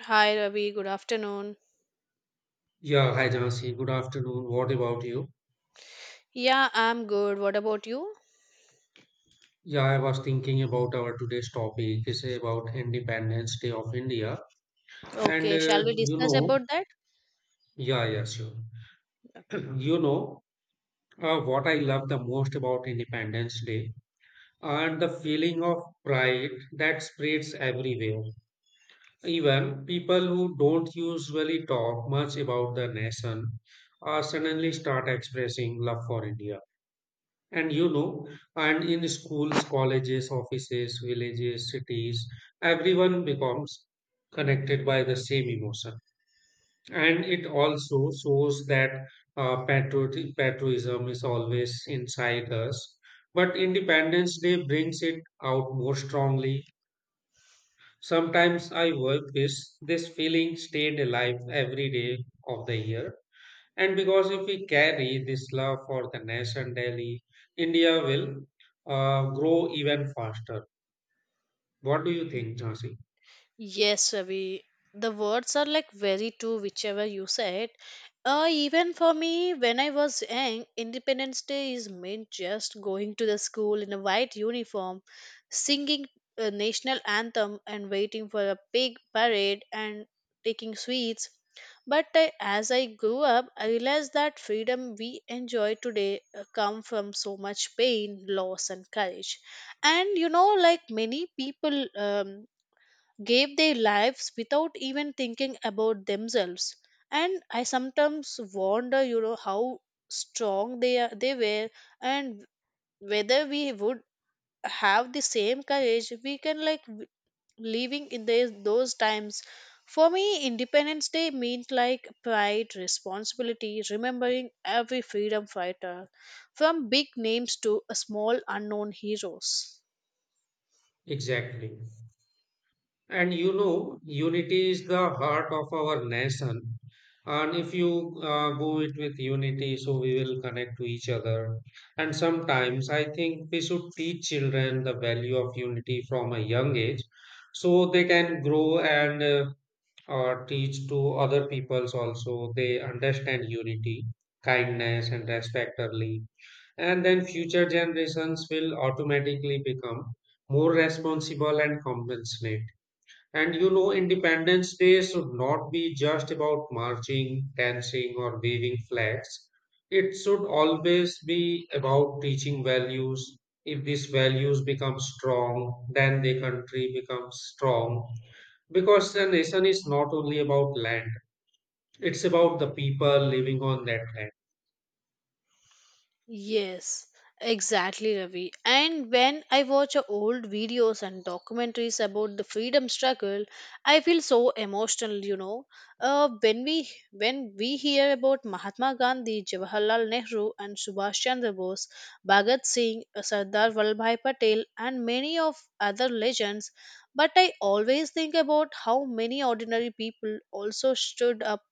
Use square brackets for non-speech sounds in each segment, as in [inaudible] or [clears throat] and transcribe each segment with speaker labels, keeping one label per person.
Speaker 1: Hi Ravi, good afternoon.
Speaker 2: Yeah, hi Jansi. Good afternoon. What about you?
Speaker 1: Yeah, I'm good. What about you?
Speaker 2: Yeah, I was thinking about our today's topic is about Independence Day of India. And
Speaker 1: Okay, shall we
Speaker 2: uh, you
Speaker 1: discuss about
Speaker 2: know,
Speaker 1: that?
Speaker 2: yeah, yeah, sure.
Speaker 1: Okay.
Speaker 2: [clears throat] You know, what I love the most about Independence Day and the feeling of pride that spreads everywhere. Even people who don't usually talk much about the nation suddenly start expressing love for India. And you know, and in schools, colleges, offices, villages, cities, everyone becomes connected by the same emotion. And it also shows that patriotism is always inside us. But Independence Day brings it out more strongly. Sometimes I work with this feeling stayed alive every day of the year, and because if we carry this love for the nation daily, India will grow even faster. What do you think, Jhansi?
Speaker 1: Yes, Ravi. The words are like very true, whichever you said. Even for me, when I was young, Independence Day is meant just going to the school in a white uniform, singing a national anthem, and waiting for a big parade and taking sweets. But as I grew up, I realized that freedom we enjoy today, come from so much pain, loss, and courage. And like many people. Gave their lives without even thinking about themselves, and I sometimes wonder, how strong they are they were, and whether we would have the same courage. We can like w- Living in those times, for me Independence Day means like pride, responsibility, remembering every freedom fighter, from big names to a small unknown heroes.
Speaker 2: Exactly. And you know, unity is the heart of our nation. And if you go it with unity, so we will connect to each other. And sometimes I think we should teach children the value of unity from a young age so they can grow, and or teach to other peoples also they understand unity, kindness, and respect early, and then future generations will automatically become more responsible and compassionate. And you know, Independence Day should not be just about marching, dancing, or waving flags. It should always be about teaching values. If these values become strong, then the country becomes strong. Because a nation is not only about land, it's about the people living on that land.
Speaker 1: Yes, exactly, Ravi. And when I watch a old videos and documentaries about the freedom struggle, I feel so emotional. You know, when we hear about Mahatma Gandhi, Jawaharlal Nehru, and Subhash Chandra Bose, Bhagat Singh, Sardar Vallabhai Patel, and many of other legends, but I always think about how many ordinary people also stood up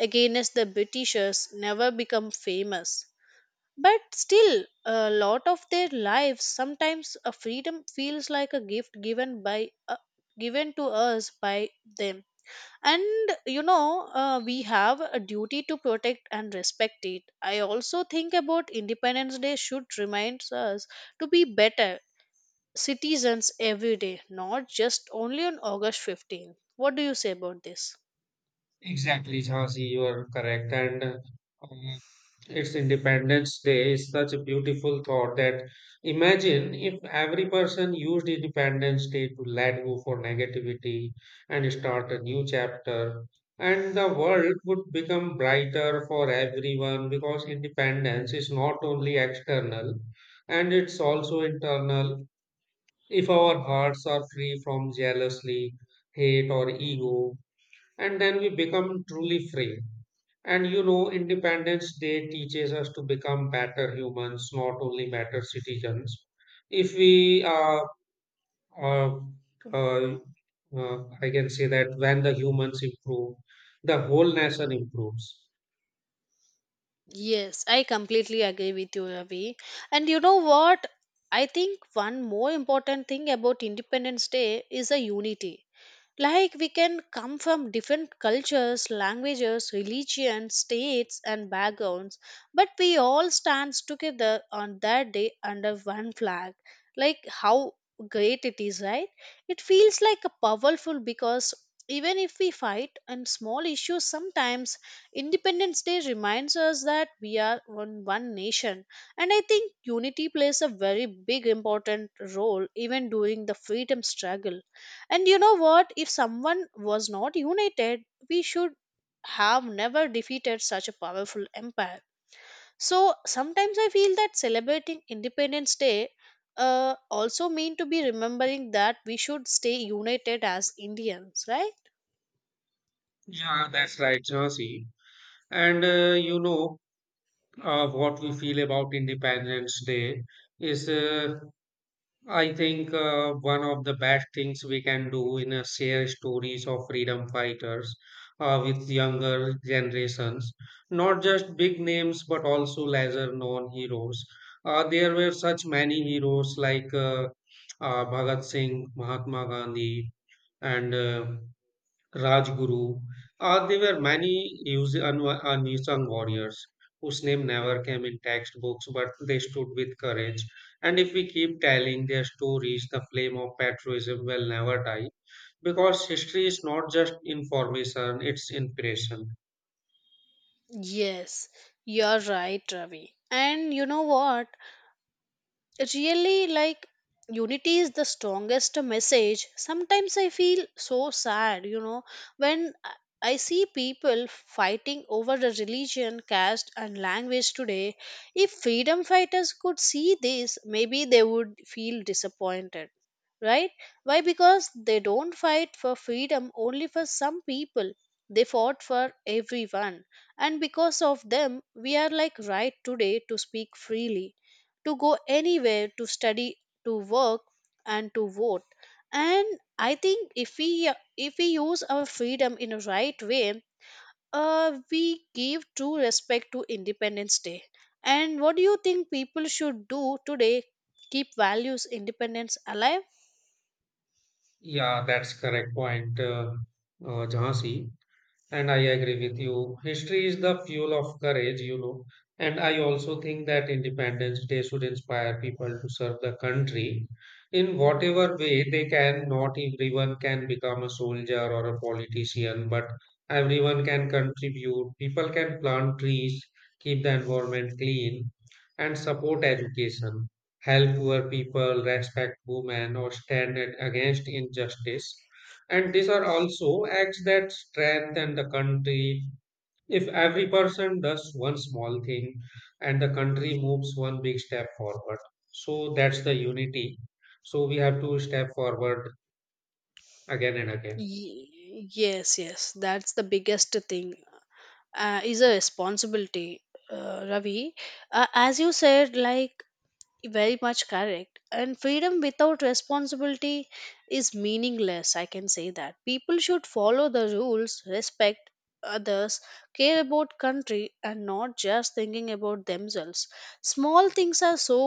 Speaker 1: against the Britishers, never become famous but still, a lot of their lives, sometimes a freedom feels like a gift given to us by them. And we have a duty to protect and respect it. I also think about Independence Day should remind us to be better citizens every day, not just only on August 15th. What do you say about this?
Speaker 2: Exactly, Jhansi, you are correct. And uh, It's Independence Day is such a beautiful thought that imagine if every person used Independence Day to let go for negativity and start a new chapter, and the world would become brighter for everyone, because independence is not only external, and it's also internal. If our hearts are free from jealousy, hate, or ego, and then we become truly free. And you know, Independence Day teaches us to become better humans, not only better citizens. If we uh, uh, I can say that when the humans improve, the whole nation improves.
Speaker 1: Yes, I completely agree with you, Ravi. And you know what? I think one more important thing about Independence Day is a unity. Like we can come from different cultures, languages, religions, states, and backgrounds, but we all stand together on that day under one flag. Like how great it is, right? It feels like a powerful because even if we fight on small issues sometimes, Independence Day reminds us that we are one, one nation. And I think unity plays a very big important role even during the freedom struggle. And you know what? If someone was not united, we should have never defeated such a powerful empire. So sometimes I feel that celebrating Independence Day, also mean to be remembering that we should stay united as Indians, right?
Speaker 2: Yeah, that's right, Jhansi. And you know what we feel about Independence Day is I think one of the best things we can do in a share stories of freedom fighters with younger generations, not just big names but also lesser known heroes. There were such many heroes like Bhagat Singh, Mahatma Gandhi, and Rajguru. There were many unsung warriors whose name never came in textbooks, but they stood with courage. And if we keep telling their stories, the flame of patriotism will never die, because history is not just information, it's inspiration.
Speaker 1: Yes, you're right, Ravi. And you know what? Really like unity is the strongest message. Sometimes I feel so sad, you know, when I see people fighting over the religion, caste, and language today. If freedom fighters could see this, maybe they would feel disappointed, right? Why? Because they don't fight for freedom only for some people. They fought for everyone, and because of them, we are like right today to speak freely, to go anywhere, to study, to work, and to vote. And I think if we use our freedom in a right way, we give true respect to Independence Day. And what do you think people should do today? Keep values independence alive.
Speaker 2: Yeah, that's correct point, Jhansi. And I agree with you. History is the fuel of courage, you know. And I also think that Independence Day should inspire people to serve the country in whatever way they can. Not everyone can become a soldier or a politician, but everyone can contribute. People can plant trees, keep the environment clean, and support education, help poor people, respect women, or against injustice. And these are also acts that strengthen the country. If every person does one small thing and the country moves one big step forward, so that's the unity. So we have to step forward again and again.
Speaker 1: Yes, that's the biggest thing, is a responsibility, Ravi, as you said, like, very much correct. And freedom without responsibility is meaningless, I can say that. People should follow the rules, respect others, care about country and not just thinking about themselves. Small things are so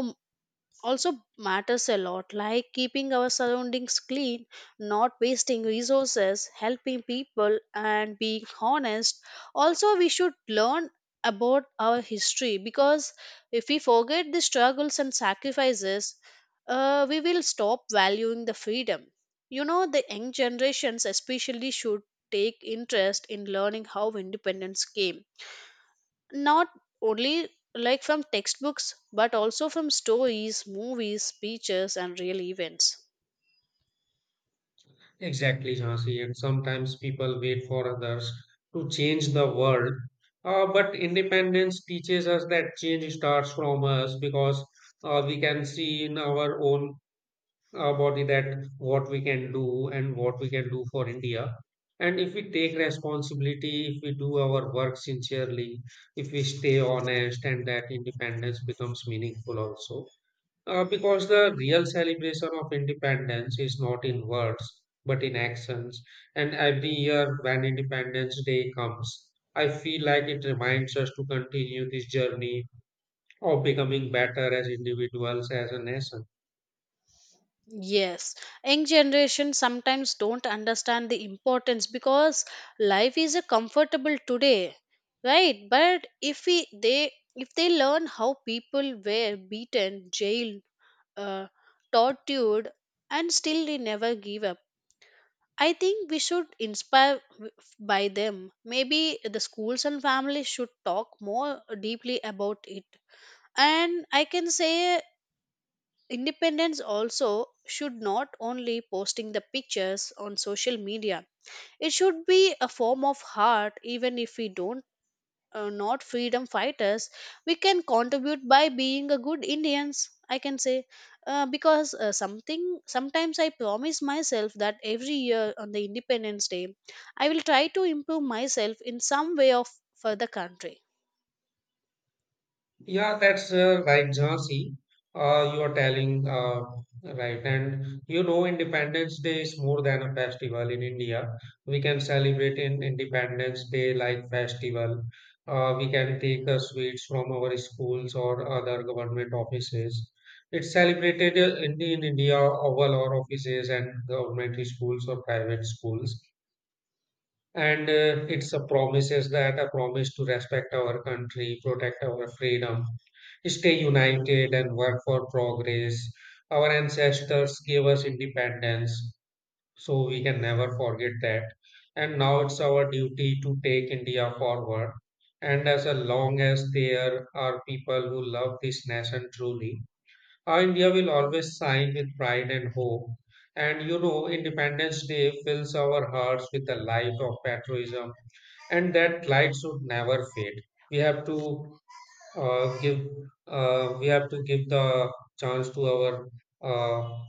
Speaker 1: also matters a lot, like keeping our surroundings clean, not wasting resources, helping people, and being honest. Also we should learn about our history because if we forget the struggles and sacrifices, we will stop valuing the freedom. You know, the young generations especially should take interest in learning how independence came, not only like from textbooks but also from stories, movies, speeches, and real events.
Speaker 2: Exactly, Jhansi. And sometimes people wait for others to change the world. But independence teaches us that change starts from us, because we can see in our own about that what we can do and what we can do for India. And if we take responsibility, if we do our work sincerely, if we stay honest, and that independence becomes meaningful also. Because the real celebration of independence is not in words but in actions. And every year when Independence Day comes, I feel like it reminds us to continue this journey of becoming better as individuals, as a nation.
Speaker 1: Yes, young generation sometimes don't understand the importance because life is a comfortable today, right? But if they learn how people were beaten, jailed, uh, tortured, and still they never give up, I think we should inspire by them. Maybe the schools and families should talk more deeply about it. And I can say independence also should not only posting the pictures on social media. It should be a form of heart, even if we don't not freedom fighters, we can contribute by being a good Indians, I can say. Because something sometimes I promise myself that every year on the Independence Day, I will try to improve myself in some way of for the country.
Speaker 2: Yeah, that's right, Jhansi. You are telling right, and you know, Independence Day is more than a festival in India. We can celebrate in Independence Day like festival. We can take sweets from our schools or other government offices. It's celebrated in India, oval or offices and government schools or private schools, and it's a promises that a promise to respect our country, protect our freedom, stay united, and work for progress. Our ancestors gave us independence, so we can never forget that, and now it's our duty to take India forward. And as long as there are people who love this nation truly, our India will always shine with pride and hope. And you know, Independence Day fills our hearts with the light of patriotism, and that light should never fade. We have to uh, give we have to give the chance to our uh,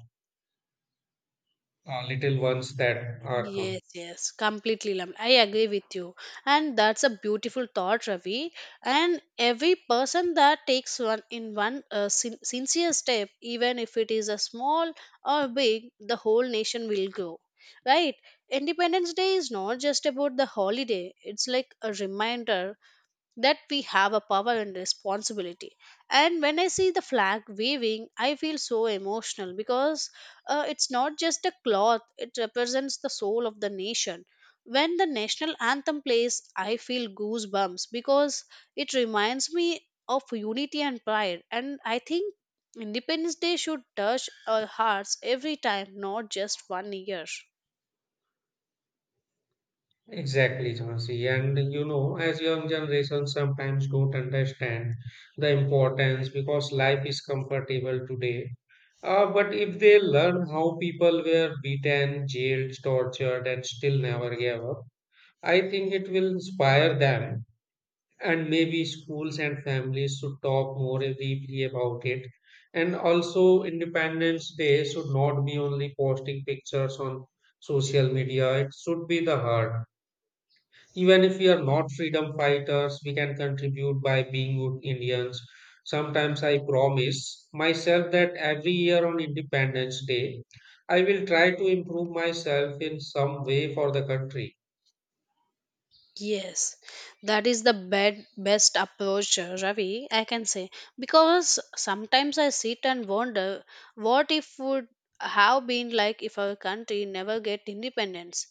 Speaker 2: little ones that are come.
Speaker 1: Yes, yes, completely. I agree with you. And that's a beautiful thought, Ravi. And every person that takes one, sincere step, even if it is a small or big, the whole nation will grow. Right? Independence Day is not just about the holiday, it's like a reminder that we have a power and responsibility. And when I see the flag waving, I feel so emotional because, it's not just a cloth, it represents the soul of the nation. When the national anthem plays, I feel goosebumps because it reminds me of unity and pride. And I think Independence Day should touch our hearts every time, not just one year.
Speaker 2: Exactly, Jhansi. And you know, as young generation sometimes don't understand the importance because life is comfortable today. But if they learn how people were beaten, jailed, tortured, and still never gave up, I think it will inspire them. And maybe schools and families should talk more deeply about it. And also, Independence Day should not be only posting pictures on social media, it should be the heart. Even if we are not freedom fighters, we can contribute by being good Indians. Sometimes I promise myself that every year on Independence Day, I will try to improve myself in some way for the country.
Speaker 1: Yes, that is the best approach, Ravi. I can say because sometimes I sit and wonder what if would have been like if our country never get independence.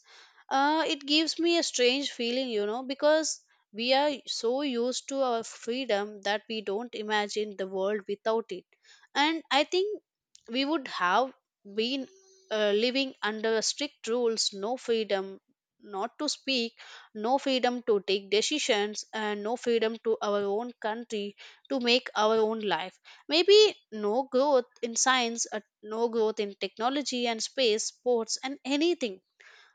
Speaker 1: It gives me a strange feeling, you know, because we are so used to our freedom that we don't imagine the world without it. And I think we would have been, living under strict rules, no freedom, not to speak, no freedom to take decisions, and no freedom to our own country to make our own life, maybe no growth in science, no growth in technology and space, sports, and anything.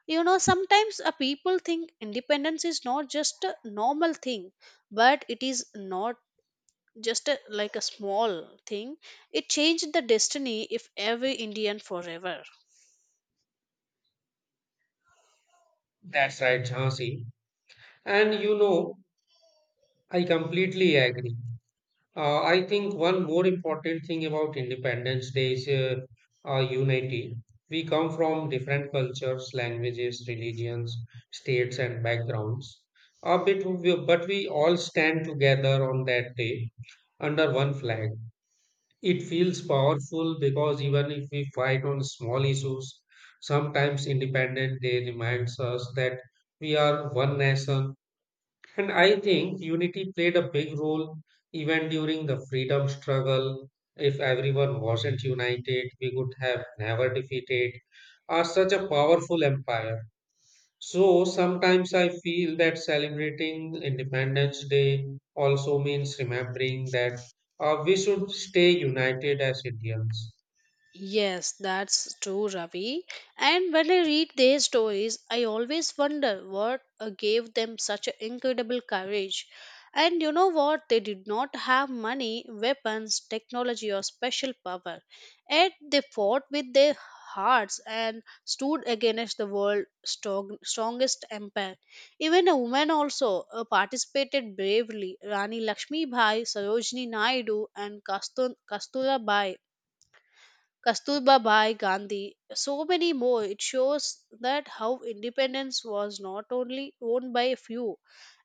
Speaker 1: You know, sometimes, people think independence is not just a normal thing, but it is not just a, like a small thing. It changed the destiny if every Indian forever.
Speaker 2: That's right, Jhansi. And you know, I completely agree. I think one more important thing about Independence Day is unity. We come from different cultures, languages, religions, states, and backgrounds. But we all stand together on that day under one flag. It feels powerful because even if we fight on small issues, sometimes Independence Day reminds us that we are one nation, and I think unity played a big role even during the freedom struggle. If everyone wasn't united, we would have never defeated such a powerful empire. So sometimes I feel that celebrating Independence Day also means remembering that we should stay united as Indians.
Speaker 1: Yes, that's true, Ravi. And when I read their stories, I always wonder what gave them such a incredible courage. And you know what? They did not have money, weapons, technology, or special power. Yet they fought with their hearts and stood against the world's strongest empire. Even a woman also participated bravely. Rani Lakshmi Bai, Sarojini Naidu, and Kastur- Kasturabai Kasturba Bhai Gandhi, so many more. It shows that how independence was not only owned by a few,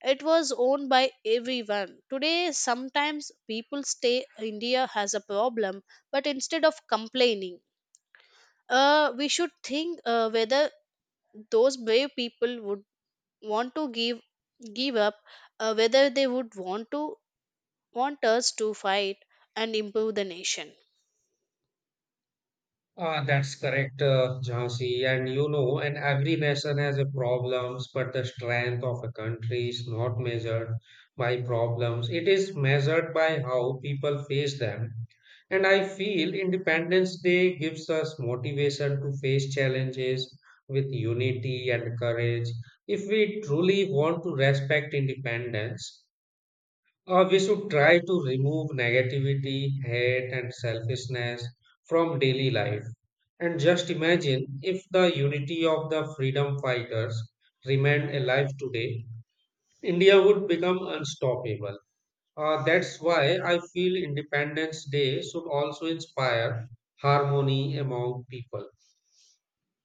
Speaker 1: it was owned by everyone. Today, sometimes people say India has a problem, but instead of complaining, we should think, whether those brave people would want to give up, whether they would want us to fight and improve the nation.
Speaker 2: Ah, that's correct, Jhansi. And you know, and every nation has a problems, but the strength of a country is not measured by problems. It is measured by how people face them. And I feel Independence Day gives us motivation to face challenges with unity and courage. If we truly want to respect independence, we should try to remove negativity, hate, and selfishness from daily life. And just imagine if the unity of the freedom fighters remained alive today, India would become unstoppable. That's why I feel Independence Day should also inspire harmony among people.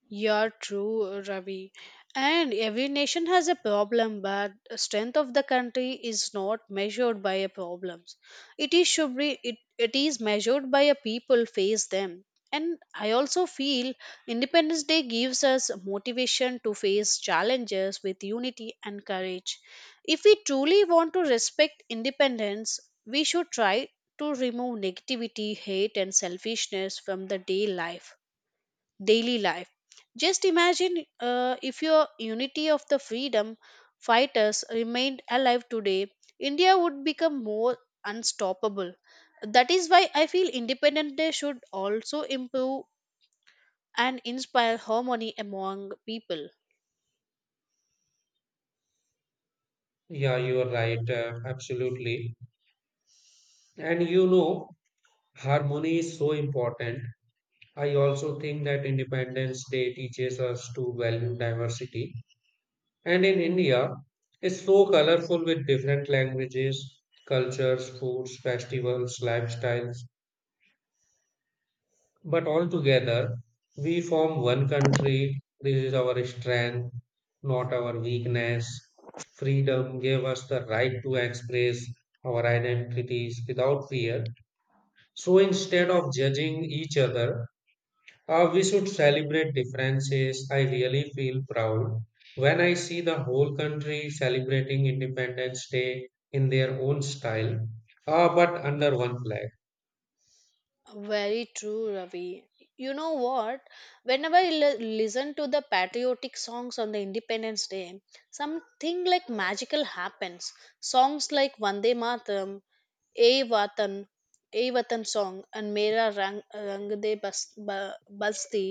Speaker 1: You're true, Ravi. And every nation has a problem, but strength of the country is not measured by a problems. It is should be it, It is measured by a people face them. And I also feel Independence Day gives us motivation to face challenges with unity and courage. If we truly want to respect independence, we should try to remove negativity, hate, and selfishness from the day life daily life. Just imagine, if your unity of the freedom fighters remained alive today, India would become more unstoppable. That is why I feel Independence Day should also improve and inspire harmony among people.
Speaker 2: Yeah, you are right, absolutely. And you know, harmony is so important. I also think that Independence Day teaches us to value diversity. And in India, it's so colorful with different languages, cultures, foods, festivals, lifestyles. But all together, we form one country. This is our strength, not our weakness. Freedom gave us the right to express our identities without fear. So instead of judging each other, we should celebrate differences. I really feel proud when I see the whole country celebrating Independence Day in their own style, but under one flag.
Speaker 1: Very true, Ravi. You know what? Whenever I listen to the patriotic songs on the Independence Day, something like magical happens. Songs like Vande Mataram, "A Watan, A Watan" song, and "मेरा rang रंग दे बस बस्ती"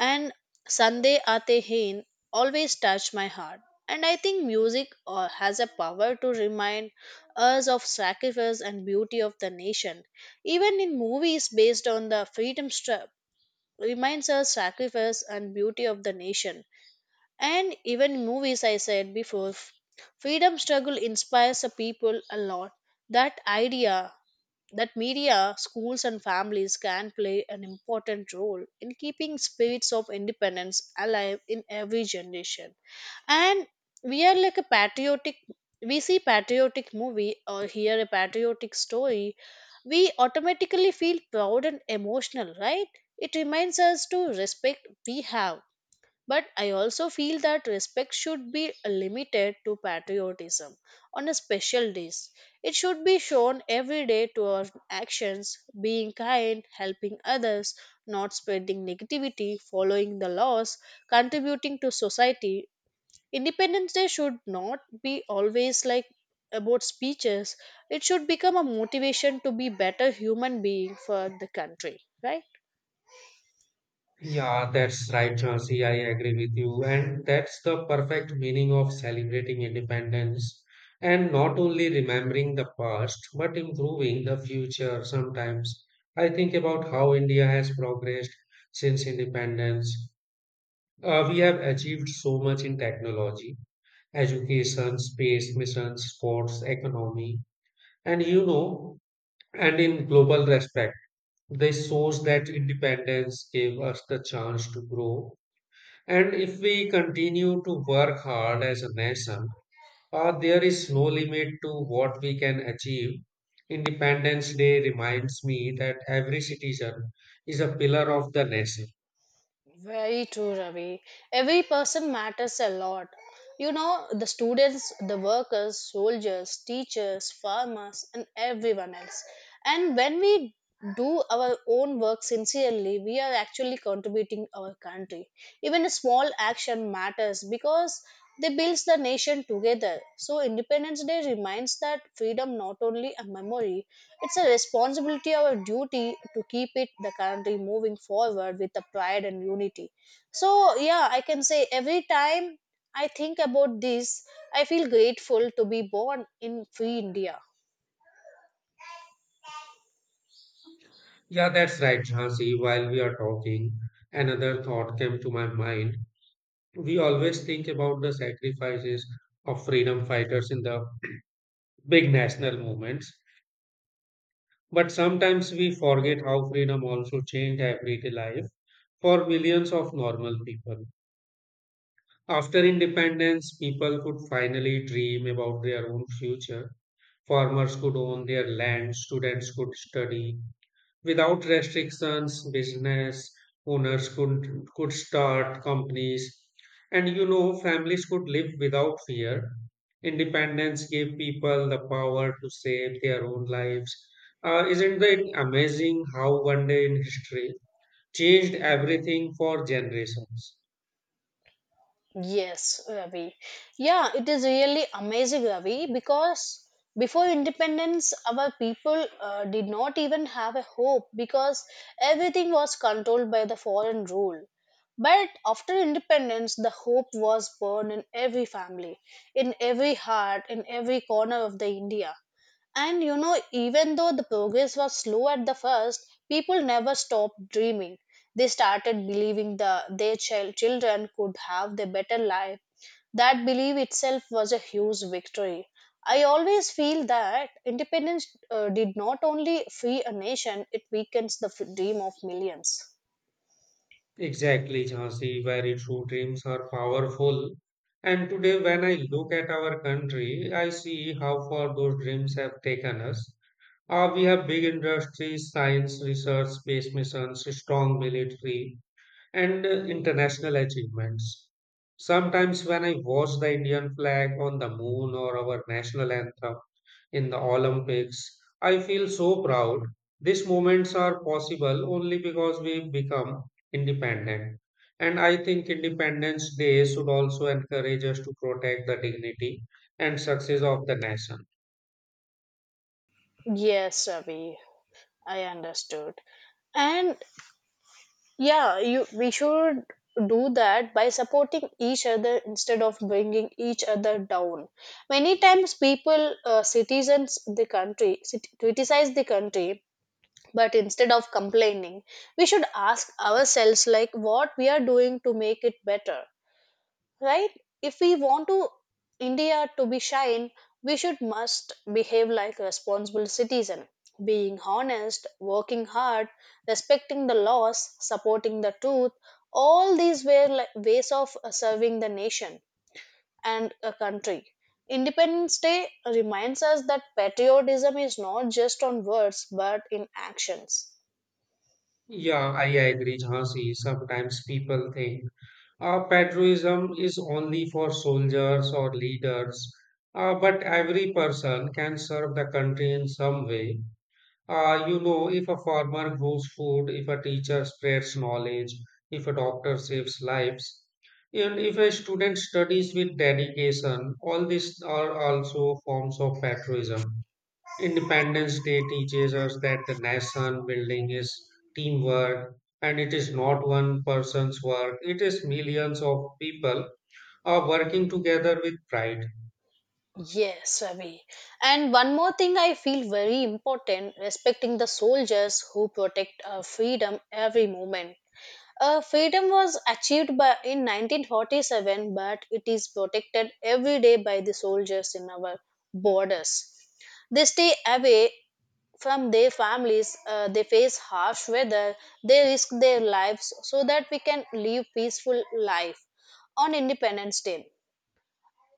Speaker 1: and "Sande Aate Hain" always touch my heart. And I think music, has a power to remind us of sacrifice and beauty of the nation. Even in movies based on the freedom struggle, reminds us sacrifice and beauty of the nation. And even in movies, I said before, freedom struggle inspires the people a lot. That idea that media, schools, and families can play an important role in keeping spirits of independence alive in every generation. And we are like a patriotic. We see patriotic movie or hear a patriotic story, we automatically feel proud and emotional, right? It reminds us to respect we have, but I also feel that respect should be limited to patriotism on a special days. It should be shown every day to our actions, being kind, helping others, not spreading negativity, following the laws, contributing to society. Independence Day should not be always like about speeches. It should become a motivation to be better human being for the country, right?
Speaker 2: Yeah, that's right, Jhansi. I agree with you. And that's the perfect meaning of celebrating independence and not only remembering the past, but improving the future. Sometimes I think about how India has progressed since independence. We have achieved so much in technology, education, space missions, sports, economy, and you know, and in global respect. This shows that independence gave us the chance to grow. And if we continue to work hard as a nation, there is no limit to what we can achieve. Independence Day reminds me that every citizen is a pillar of the nation.
Speaker 1: Very true, Ravi. Every person matters a lot. You know, the students, the workers, soldiers, teachers, farmers, and everyone else. And when we do our own work sincerely, we are actually contributing our country. Even a small action matters because they builds the nation together. So Independence Day reminds that freedom not only a memory, it's a responsibility, our duty to keep it the country moving forward with the pride and unity. So yeah, I can say every time I think about this, I feel grateful to be born in free India.
Speaker 2: Yeah, that's right, Jhansi. While we are talking, another thought came to my mind. We always think about the sacrifices of freedom fighters in the big national movements, but sometimes we forget how freedom also changed everyday life for millions of normal people. After independence, people could finally dream about their own future. Farmers could own their land, students could study without restrictions, business owners could start companies, and you know, families could live without fear. Independence gave people the power to shape their own lives. Isn't it amazing how one day in history changed everything for generations?
Speaker 1: Yes, Ravi. Yeah, it is really amazing, Ravi, because before independence, our people did not even have a hope because everything was controlled by the foreign rule. But after independence, the hope was born in every family, in every heart, in every corner of the India. And you know, even though the progress was slow at the first, people never stopped dreaming. They started believing their children could have a better life. That belief itself was a huge victory. I always feel that independence did not only free a nation, it weakens the dream of millions.
Speaker 2: Exactly, Jhansi, very true. Dreams are powerful. And today, when I look at our country, I see how far those dreams have taken us. We have big industries, science research, space missions, strong military, and international achievements. Sometimes, when I watch the Indian flag on the moon or our national anthem in the Olympics, I feel so proud. These moments are possible only because we've become independent. And I think Independence Day should also encourage us to protect the dignity and success of the nation.
Speaker 1: Yes, Ravi, I understood. And yeah, you we should do that by supporting each other instead of bringing each other down. Many times, people, citizens, the country criticize the country, but instead of complaining, we should ask ourselves like what we are doing to make it better, right? If we want to india to be shine, we should must behave like a responsible citizen, being honest, working hard, respecting the laws, supporting the truth. All these were like ways of serving the nation and a country. Independence day reminds us that patriotism is not just on words but in actions.
Speaker 2: Yeah, I agree, Jhansi. Sometimes people think patriotism is only for soldiers or leaders, but every person can serve the country in some way. You know, if a farmer grows food, if a teacher spreads knowledge, if a doctor saves lives, and if a student studies with dedication, all these are also forms of patriotism. Independence Day teaches us that the nation building is teamwork, and it is not one person's work, it is millions of people are working together with pride.
Speaker 1: Yes, Ravi. And one more thing I feel very important, respecting the soldiers who protect our freedom every moment. Freedom was achieved by, in 1947, but it is protected every day by the soldiers in our borders. They stay away from their families, they face harsh weather, they risk their lives so that we can live peaceful life on Independence Day.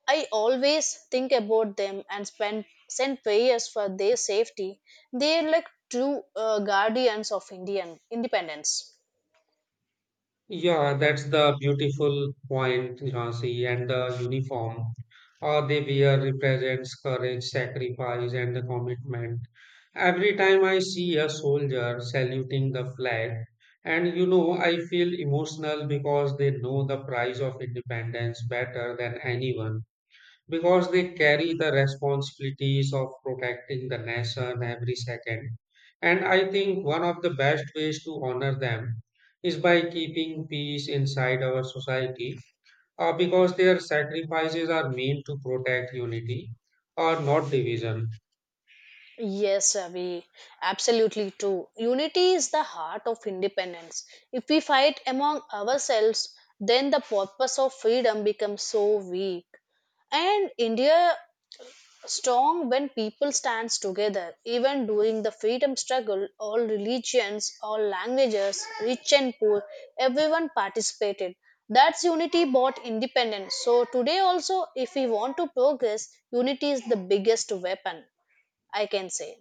Speaker 1: I always think about them and send prayers for their safety. They are like true guardians of Indian independence.
Speaker 2: Yeah, that's the beautiful point, Jhansi, and the uniform or they wear represents courage, sacrifice, and the commitment. Every time I see a soldier saluting the flag, and you know, I feel emotional because they know the price of independence better than anyone, because they carry the responsibilities of protecting the nation every second. And I think one of the best ways to honor them is by keeping peace inside our society, because their sacrifices are meant to protect unity or not division.
Speaker 1: Yes, Ravi, absolutely true. Unity is the heart of independence. If we fight among ourselves, then the purpose of freedom becomes so weak. And India strong when people stands together. Even during the freedom struggle, all religions, all languages, rich and poor, everyone participated. That's unity bought independence. So today also, if we want to progress, unity is the biggest weapon, I can say.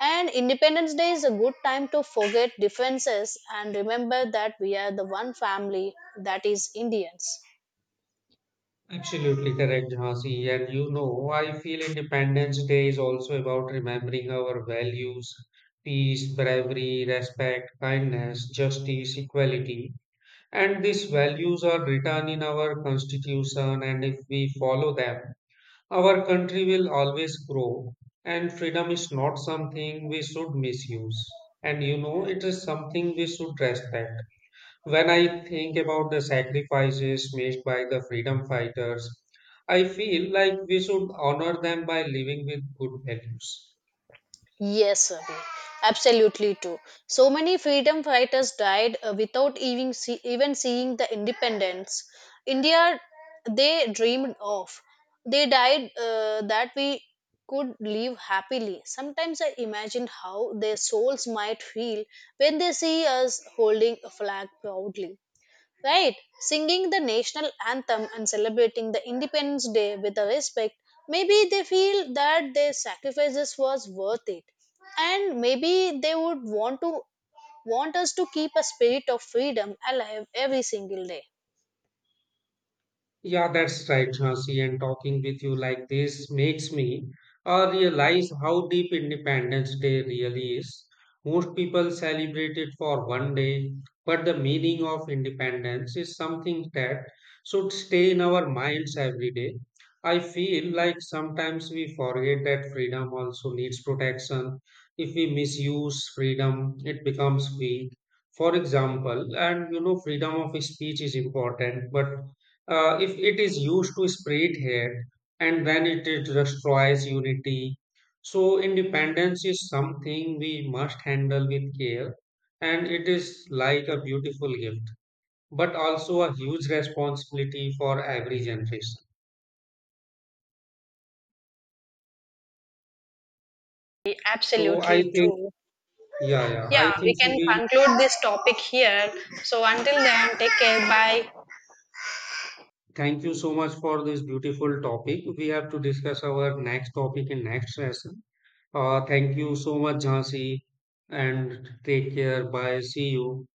Speaker 1: And independence day is a good time to forget differences and remember that we are the one family, that is indians.
Speaker 2: Absolutely correct, Jhansi. And you know, I feel Independence Day is also about remembering our values: peace, bravery, respect, kindness, justice, equality. And these values are written in our constitution, and if we follow them, our country will always grow. And freedom is not something we should misuse. And you know, it is something we should respect. When I think about the sacrifices made by the freedom fighters, I feel like we should honor them by living with good values.
Speaker 1: Yes, Abhi, absolutely too. So many freedom fighters died without even seeing the independence India they dreamed of. They died that we could live happily. Sometimes I imagine how their souls might feel when they see us holding a flag proudly. Right, singing the national anthem and celebrating the Independence Day with a respect, maybe they feel that their sacrifices was worth it. And maybe they would want us to keep a spirit of freedom alive every single day.
Speaker 2: Yeah, that's right, Jhansi. And talking with you like this makes me realize how deep Independence Day really is. Most people celebrate it for one day, but the meaning of independence is something that should stay in our minds every day. I feel like sometimes we forget that freedom also needs protection. If we misuse freedom, it becomes weak. For example, and you know, freedom of speech is important, but if it is used to spread hate, and then it is destroys unity. So, independence is something we must handle with care, and it is like a beautiful gift, but also a huge responsibility for every generation. So, I
Speaker 1: Absolutely
Speaker 2: think,
Speaker 1: true.
Speaker 2: yeah,
Speaker 1: Yeah,
Speaker 2: I
Speaker 1: we
Speaker 2: think so.
Speaker 1: can
Speaker 2: We
Speaker 1: conclude this topic here. So until then, take care. Bye.
Speaker 2: thank you so much for this beautiful topic. We have to discuss our next topic in next session. Thank you so much, Jhansi, and take care. Bye. See you.